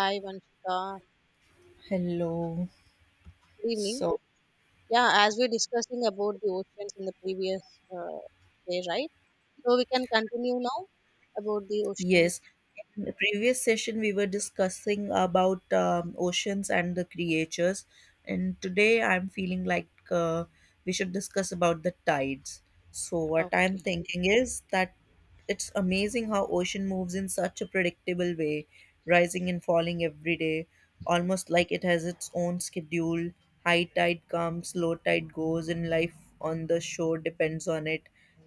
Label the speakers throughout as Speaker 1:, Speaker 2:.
Speaker 1: Hi, Vanshika.
Speaker 2: Hello.
Speaker 1: Good evening.
Speaker 2: So,
Speaker 1: Yeah, as we're discussing about the oceans in the previous uh, day, right? So we can continue now about the ocean.
Speaker 2: yes, in the previous session we were discussing about oceans and the creatures, and today I'm feeling like we should discuss about the tides. So, what I'm thinking is that it's amazing how ocean moves in such a predictable way, rising and falling every day, almost like it has its own schedule. High tide comes, low tide goes, and life on the shore depends on it,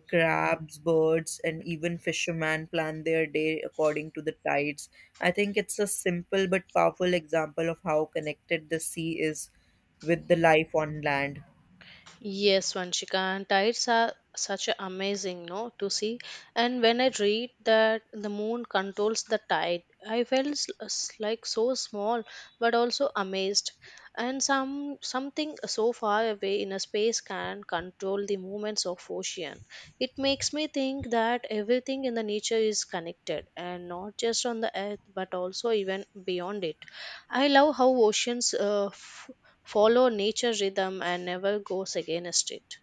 Speaker 2: crabs, birds, and even fishermen plan their day according to the tides. I think it's a simple but powerful example of how connected the sea is with the life on land.
Speaker 1: Yes, Vanshika, and tides are such a amazing, no, to see. And when I read that the moon controls the tide, I felt like so small, but also amazed. And something so far away in a space can control the movements of ocean. It makes me think that everything in the nature is connected, and not just on the earth, but also even beyond it. I love how oceans follow nature rhythm and never goes against it.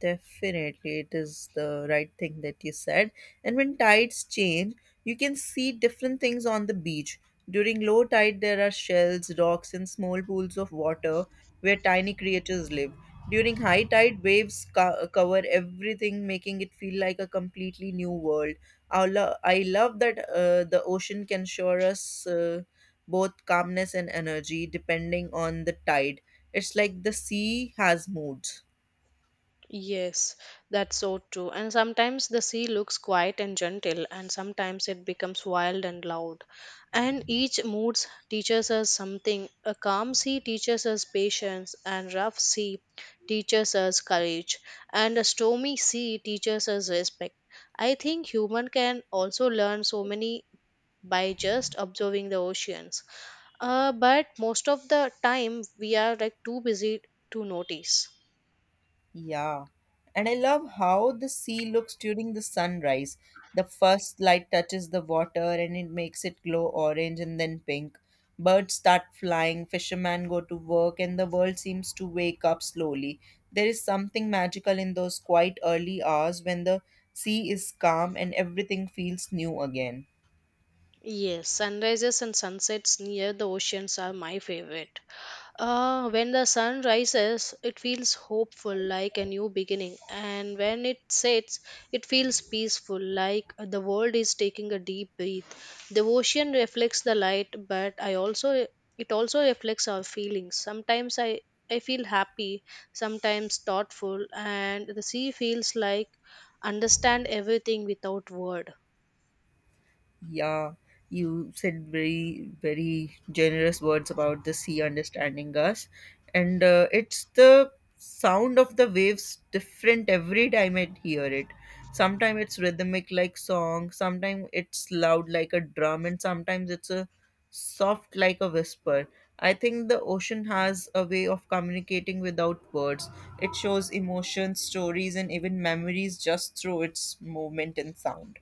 Speaker 2: Definitely, it is the right thing that you said. And when tides change, you can see different things on the beach. During low tide, there are shells, rocks, and small pools of water where tiny creatures live. During high tide, cover everything, making it feel like a completely new world. I love that the ocean can show us both calmness and energy depending on the tide. It's like the sea has moods.
Speaker 1: Yes, that's so true. And sometimes the sea looks quiet and gentle, and sometimes it becomes wild and loud. And each mood teaches us something. A calm sea teaches us patience, and rough sea teaches us courage, and a stormy sea teaches us respect. I think human can also learn so many by just observing the oceans but most of the time we are like too busy to notice.
Speaker 2: Yeah, and I love how the sea looks during the sunrise. The first light touches the water and it makes it glow orange and then pink. Birds start flying, fishermen go to work, and the world seems to wake up slowly. There is something magical in those quiet early hours when the sea is calm and everything feels new again.
Speaker 1: Yes, sunrises and sunsets near the oceans are my favorite. When the sun rises, it feels hopeful like a new beginning, and when it sets, it feels peaceful like the world is taking a deep breath. The ocean reflects the light, but I also it also reflects our feelings. Sometimes I feel happy, sometimes thoughtful, and the sea feels like understand everything without word.
Speaker 2: Yeah, you said very, very generous words about the sea understanding us. And it's the sound of the waves different every time I hear it. Sometimes it's rhythmic like song, sometimes it's loud like a drum, and sometimes it's a soft like a whisper. I think the ocean has a way of communicating without words. It shows emotions, stories, and even memories just through its movement and sound.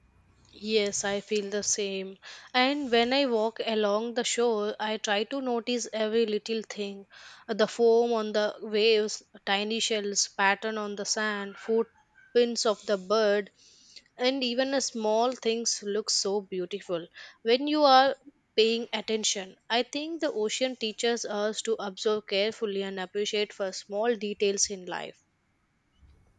Speaker 1: Yes, I feel the same. And when I walk along the shore, I try to notice every little thing, the foam on the waves, tiny shells, pattern on the sand, footprints of the bird, and even a small things look so beautiful when you are paying attention. I think the ocean teaches us to observe carefully and appreciate for small details in life.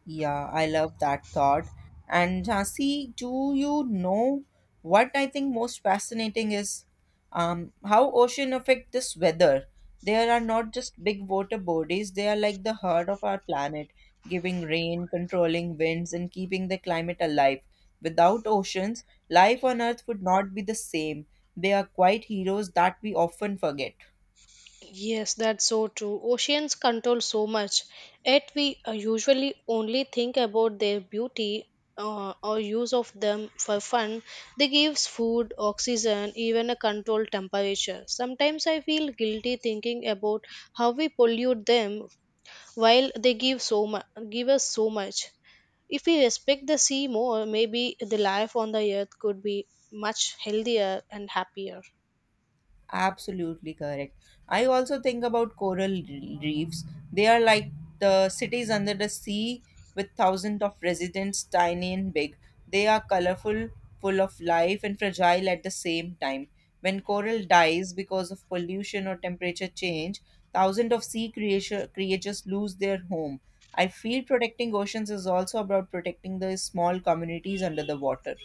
Speaker 2: Yeah, I love that thought. And Jhansi, do you know what I think most fascinating is how ocean affect this weather? There are not just big water bodies; they are like the heart of our planet, giving rain, controlling winds, and keeping the climate alive. Without oceans, life on Earth would not be the same. They are quite heroes that we often forget.
Speaker 1: Yes, that's so true. Oceans control so much, yet we usually only think about their beauty or use of them for fun. They gives food, oxygen, even a controlled temperature. Sometimes I feel guilty thinking about how we pollute them while they give so much, give us so much. If we respect the sea more, maybe the life on the earth could be much healthier and happier.
Speaker 2: Absolutely correct. I also think about reefs. They are like the cities under the sea with thousands of residents, tiny and big. They are colorful, full of life, and fragile at the same time. When coral dies because of pollution or temperature change, thousands of sea creature, creatures lose their home. I feel protecting oceans is also about protecting the small communities under the water.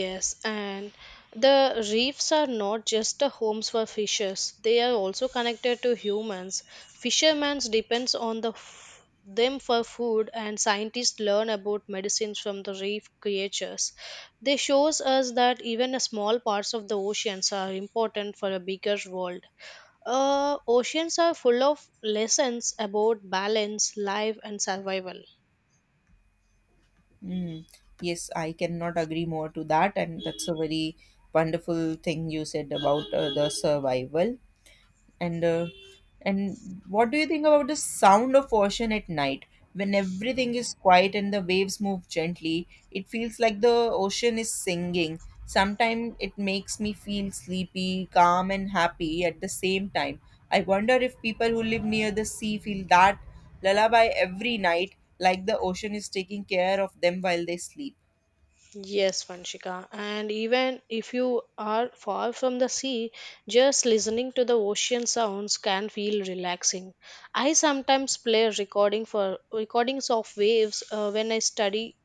Speaker 1: Yes, and the reefs are not just the homes for fishes. They are also connected to humans. Fishermen depends on the them for food and scientists learn about medicines from the reef creatures. They shows us that even a small parts of the oceans are important for a bigger world. Oceans are full of lessons about balance, life and survival.
Speaker 2: Mm. Yes, I cannot agree more to that, and that's a very wonderful thing you said about the survival and uh, and what do you think about the sound of ocean at night when everything is quiet and the waves move gently? It feels like the ocean is singing. Sometimes it makes me feel sleepy, calm, and happy at the same time. I wonder if people who live near the sea feel that lullaby every night, like the ocean is taking care of them while they sleep.
Speaker 1: Yes, Vanshika. And even if you are far from the sea, just listening to the ocean sounds can feel relaxing. I sometimes play a recording for recordings of waves when I study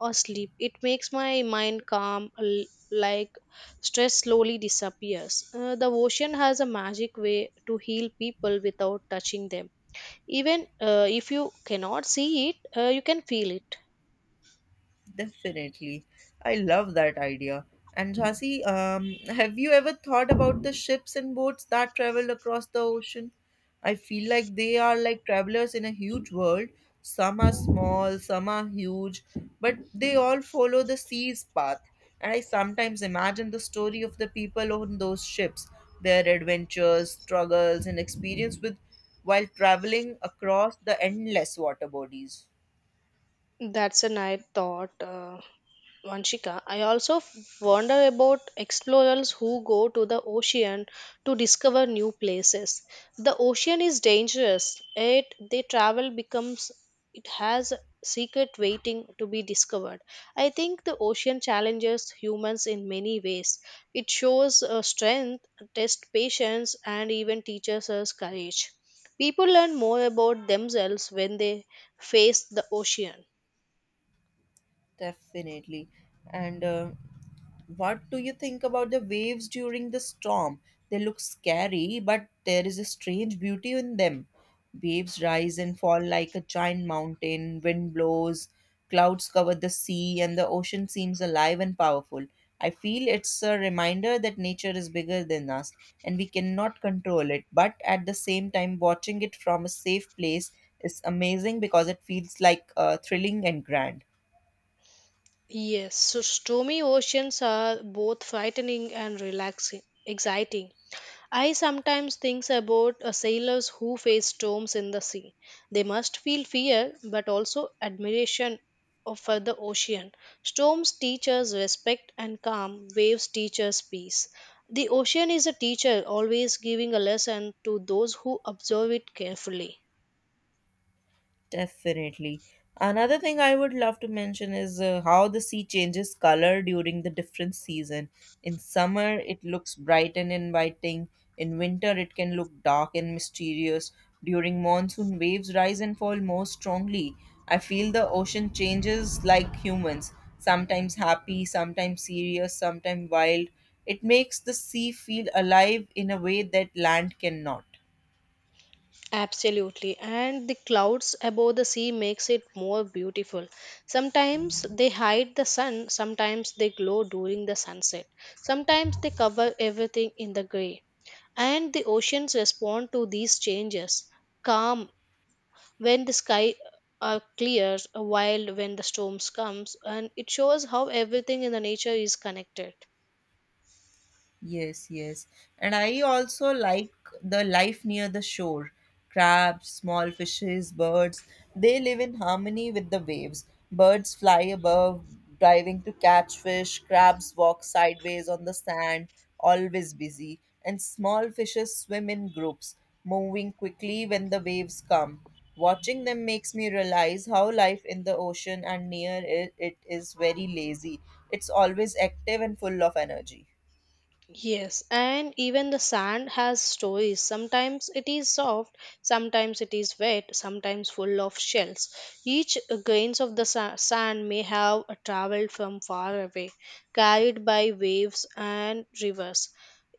Speaker 1: or sleep. It makes my mind calm, like stress slowly disappears. The ocean has a magic way to heal people without touching them. Even if you cannot see it, you can feel it.
Speaker 2: Definitely. I love that idea. And Jhansi, have you ever thought about the ships and boats that travel across the ocean? I feel like they are like travelers in a huge world. Some are small, some are huge, but they all follow the sea's path. And I sometimes imagine the story of the people on those ships, their adventures, struggles, and experience with while traveling across the endless water bodies.
Speaker 1: That's a nice thought, Vanshika. I wonder about explorers who go to the ocean to discover new places. The ocean is dangerous. It they travel becomes it has a secret waiting to be discovered. I think the ocean challenges humans in many ways. It shows strength, tests patience, and even teaches us courage. People learn more about themselves when they face the ocean.
Speaker 2: Definitely. And what do you think about the waves during the storm? They look scary, but there is a strange beauty in them. Waves rise and fall like a giant mountain, wind blows, clouds cover the sea, and the ocean seems alive and powerful. I feel it's a reminder that nature is bigger than us and we cannot control it, but at the same time, watching it from a safe place is amazing because it feels like thrilling and grand.
Speaker 1: Yes, so stormy oceans are both frightening and relaxing, exciting. I sometimes think about sailors who face storms in the sea. They must feel fear, but also admiration for the ocean. Storms teach us respect and calm, waves teach us peace. The ocean is a teacher, always giving a lesson to those who observe it carefully.
Speaker 2: Definitely. Another thing I would love to mention is how the sea changes color during the different season. In summer, it looks bright and inviting. In winter, it can look dark and mysterious. During monsoon, waves rise and fall more strongly. I feel the ocean changes like humans, sometimes happy, sometimes serious, sometimes wild. It makes the sea feel alive in a way that land cannot.
Speaker 1: Absolutely, and the clouds above the sea makes it more beautiful. Sometimes they hide the sun, sometimes they glow during the sunset. Sometimes they cover everything in the gray. And the oceans respond to these changes. Calm when the sky clears, wild when the storms comes, and it shows how everything in the nature is connected.
Speaker 2: Yes, yes. And I also like the life near the shore. Crabs, small fishes, birds, they live in harmony with the waves. Birds fly above, diving to catch fish. Crabs walk sideways on the sand, always busy. And small fishes swim in groups, moving quickly when the waves come. Watching them makes me realize how life in the ocean and near it, it is very lazy. It's always active and full of energy.
Speaker 1: Yes, and even the sand has stories. Sometimes it is soft, sometimes it is wet, sometimes full of shells. Each grains of the sand may have traveled from far away, carried by waves and rivers.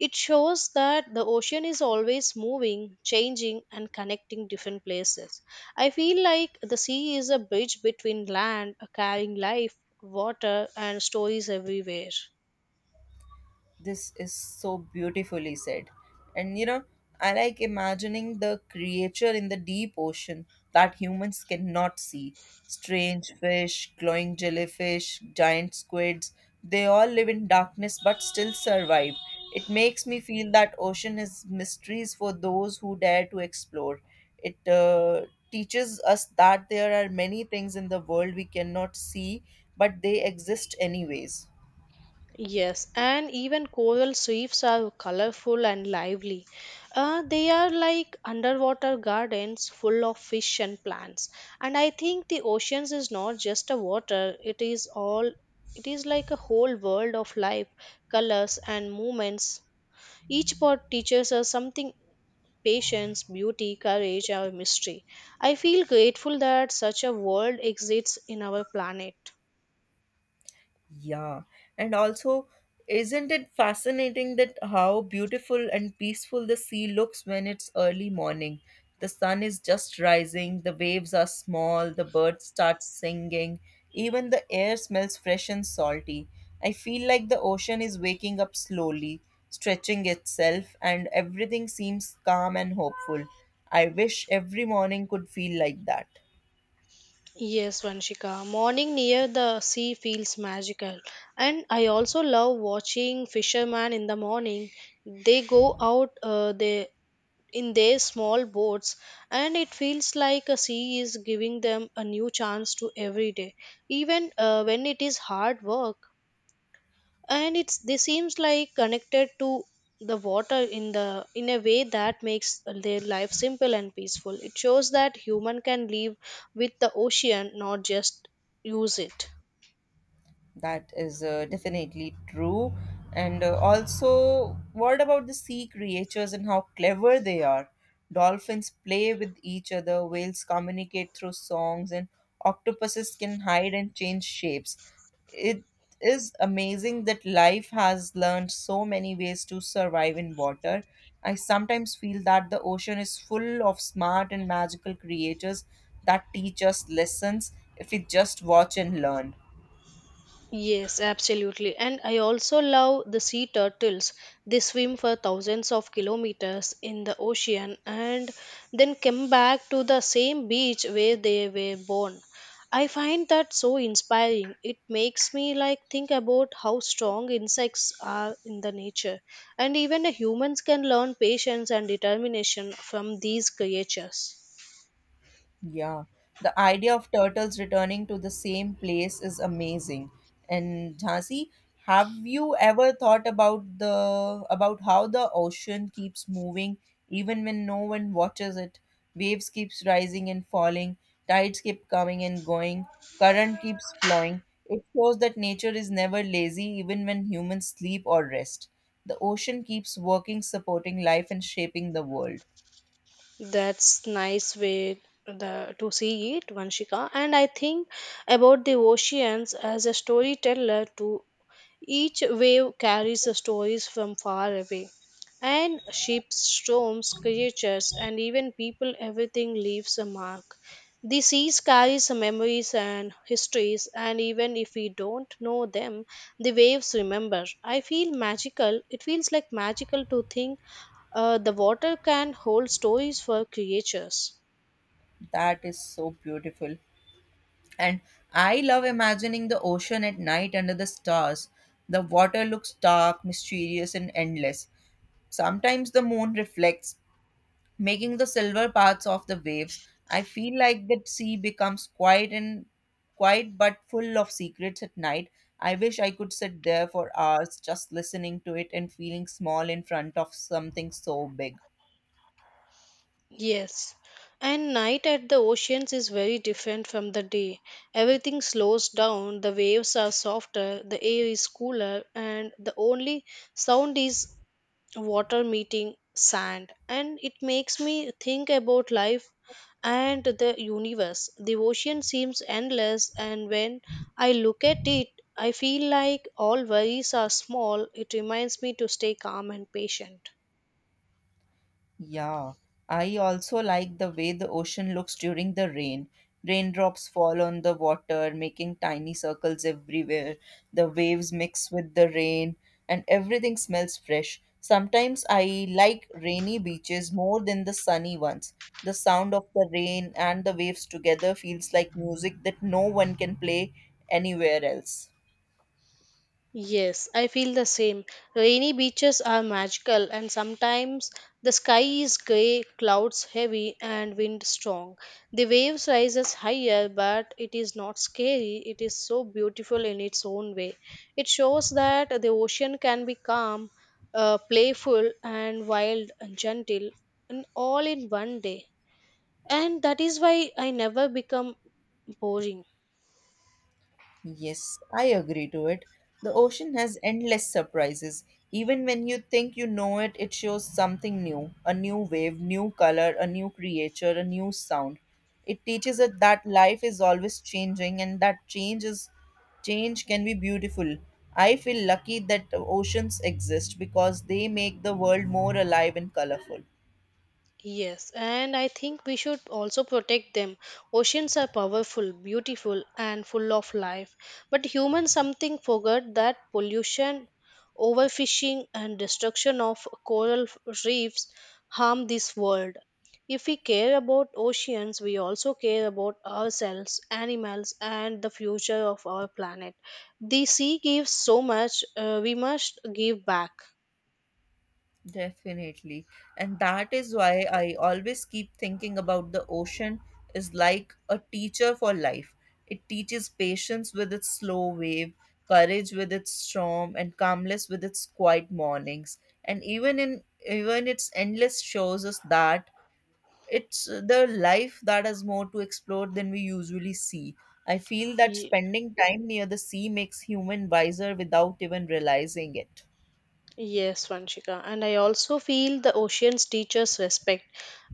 Speaker 1: It shows that the ocean is always moving, changing, and connecting different places. I feel like the sea is a bridge between land, carrying life, water, and stories everywhere.
Speaker 2: This is so beautifully said. And you know, I like imagining the creature in the deep ocean that humans cannot see. Strange fish, glowing jellyfish, giant squids, they all live in darkness but still survive. It makes me feel that ocean is mysteries for those who dare to explore. It teaches us that there are many things in the world we cannot see, but they exist anyways.
Speaker 1: Yes, and even coral reefs are colorful and lively. They are like underwater gardens full of fish and plants. And I think the oceans is not just a water, it is like a whole world of life, colors and movements. Each part teaches us something, patience, beauty, courage, or mystery. I feel grateful that such a world exists in our planet.
Speaker 2: Yeah, and also, isn't it fascinating that how beautiful and peaceful the sea looks when it's early morning? The sun is just rising, the waves are small, the birds start singing, even the air smells fresh and salty. I feel like the ocean is waking up slowly, stretching itself, and everything seems calm and hopeful. I wish every morning could feel like that.
Speaker 1: Yes, Vanshika. Morning near the sea feels magical. And I also love watching fishermen in the morning. They go out in their small boats, and it feels like a sea is giving them a new chance to every day, even when it is hard work and it's they seems like connected to the water in a way that makes their life simple and peaceful. It shows that human can live with the ocean, not just use it.
Speaker 2: That is definitely true. And also, what about the sea creatures and how clever they are? Dolphins play with each other, whales communicate through songs, and octopuses can hide and change shapes. It is amazing that life has learned so many ways to survive in water. I sometimes feel that the ocean is full of smart and magical creatures that teach us lessons if we just watch and learn.
Speaker 1: Yes, absolutely. And I also love the sea turtles. They swim for thousands of kilometers in the ocean and then come back to the same beach where they were born. I find that so inspiring. It makes me like think about how strong insects are in the nature. And even the humans can learn patience and determination from these creatures.
Speaker 2: Yeah, the idea of turtles returning to the same place is amazing. And Jhansi, have you ever thought about the about how the ocean keeps moving even when no one watches it? Waves keeps rising and falling, tides keep coming and going, current keeps flowing. It shows that nature is never lazy even when humans sleep or rest. The ocean keeps working, supporting life and shaping the world.
Speaker 1: That's nice way the to see it, Vanshika. And I think about the oceans as a storyteller too. Each wave carries the stories from far away. And ships, storms, creatures, and even people, everything leaves a mark. The seas carry some memories and histories, and even if we don't know them, the waves remember. I feel magical. It feels like magical to think the water can hold stories for creatures.
Speaker 2: That is so beautiful. And I love imagining the ocean at night under the stars. The water looks dark, mysterious, and endless. Sometimes the moon reflects, making the silver paths of the waves. I feel like the sea becomes quiet but full of secrets at night. I wish I could sit there for hours just listening to it and feeling small in front of something so big.
Speaker 1: Yes. And night at the oceans is very different from the day. Everything slows down, the waves are softer, the air is cooler, and the only sound is water meeting sand. And it makes me think about life and the universe. The ocean seems endless, and when I look at it, I feel like all worries are small. It reminds me to stay calm and patient.
Speaker 2: Yeah, I also like the way the ocean looks during the rain. Raindrops fall on the water, making tiny circles everywhere. The waves mix with the rain, and everything smells fresh. Sometimes I like rainy beaches more than the sunny ones. The sound of the rain and the waves together feels like music that no one can play anywhere else.
Speaker 1: Yes, I feel the same. Rainy beaches are magical, and sometimes the sky is grey, clouds heavy, and wind strong. The waves rises higher, but it is not scary. It is so beautiful in its own way. It shows that the ocean can be calm, playful, and wild and gentle, and all in one day. And that is why I never become boring.
Speaker 2: Yes, I agree to it. The ocean has endless surprises. Even when you think you know it, it shows something new, a new wave, new color, a new creature, a new sound. It teaches us that life is always changing and that change can be beautiful. I feel lucky that oceans exist because they make the world more alive and colorful.
Speaker 1: Yes, and I think we should also protect them. Oceans are powerful, beautiful, and full of life. But humans something forgot that pollution, overfishing, and destruction of coral reefs harm this world. If we care about oceans, we also care about ourselves, animals, and the future of our planet. The sea gives so much, we must give back.
Speaker 2: Definitely. And that is why I always keep thinking about the ocean is like a teacher for life. It teaches patience with its slow wave, courage with its storm, and calmness with its quiet mornings. And even its endless shows us that it's the life that has more to explore than we usually see. I feel that spending time near the sea makes human wiser without even realizing it.
Speaker 1: Yes, Vanshika. And I also feel the oceans teach us respect.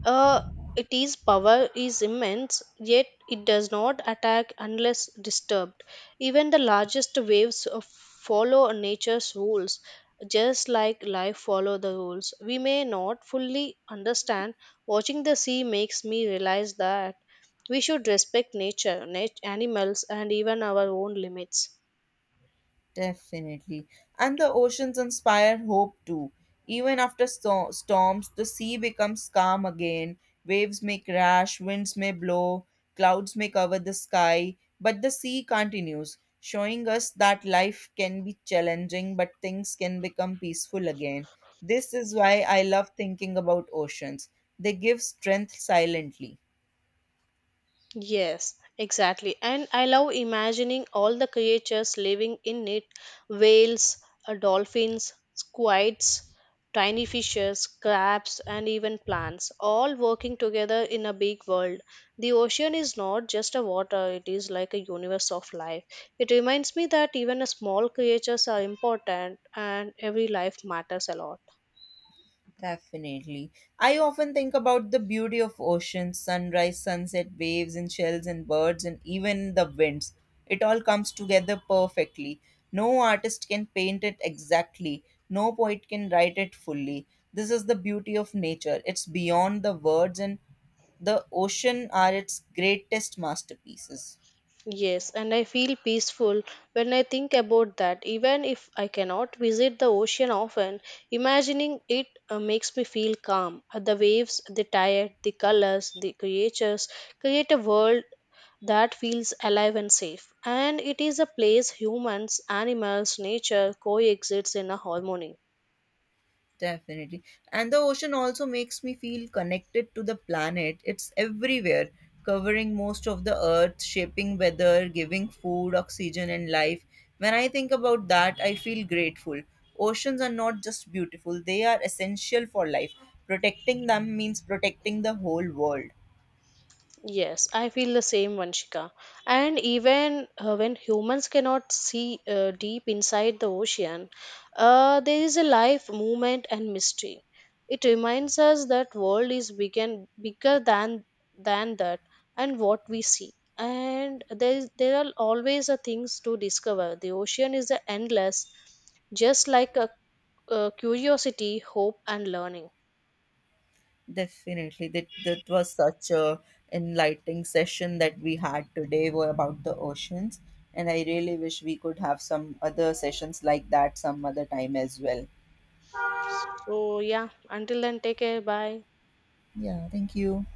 Speaker 1: Uh, it is power is immense, yet it does not attack unless disturbed. Even the largest waves follow nature's rules, just like life follow the rules. We may not fully understand. Watching the sea makes me realize that we should respect nature, animals, and even our own limits.
Speaker 2: Definitely. And the oceans inspire hope too. Even after storms, the sea becomes calm again. Waves may crash, winds may blow, clouds may cover the sky, but the sea continues, showing us that life can be challenging, but things can become peaceful again. This is why I love thinking about oceans. They give strength silently.
Speaker 1: Yes, exactly. And I love imagining all the creatures living in it, whales, dolphins, squids, tiny fishes, crabs, and even plants, all working together in a big world. The ocean is not just a water, it is like a universe of life. It reminds me that even a small creatures are important and every life matters a lot.
Speaker 2: Definitely. I often think about the beauty of oceans, sunrise, sunset, waves, and shells, and birds, and even the winds. It all comes together perfectly. No artist can paint it exactly, no poet can write it fully. This is the beauty of nature. It's beyond the words, and the ocean are its greatest masterpieces.
Speaker 1: Yes, and I feel peaceful when I think about that. Even if I cannot visit the ocean often, imagining it makes me feel calm. The waves, the tide, the colors, the creatures create a world that feels alive and safe. And it is a place humans, animals, nature coexists in a harmony.
Speaker 2: Definitely. And the ocean also makes me feel connected to the planet. It's everywhere, covering most of the earth, shaping weather, giving food, oxygen, and life. When I think about that, I feel grateful. Oceans are not just beautiful, they are essential for life. Protecting them means protecting the whole world.
Speaker 1: Yes, I feel the same, Vanshika. And even when humans cannot see deep inside the ocean, there is a life, movement, and mystery. It reminds us that world is big and bigger than that, and what we see. There are always a things to discover. The ocean is a endless, just like a curiosity, hope, and learning.
Speaker 2: Definitely. That was such a enlightening session that we had today were about the oceans. And I really wish we could have some other sessions like that some other time as well.
Speaker 1: So yeah, until then, take care. Bye.
Speaker 2: Yeah, thank you.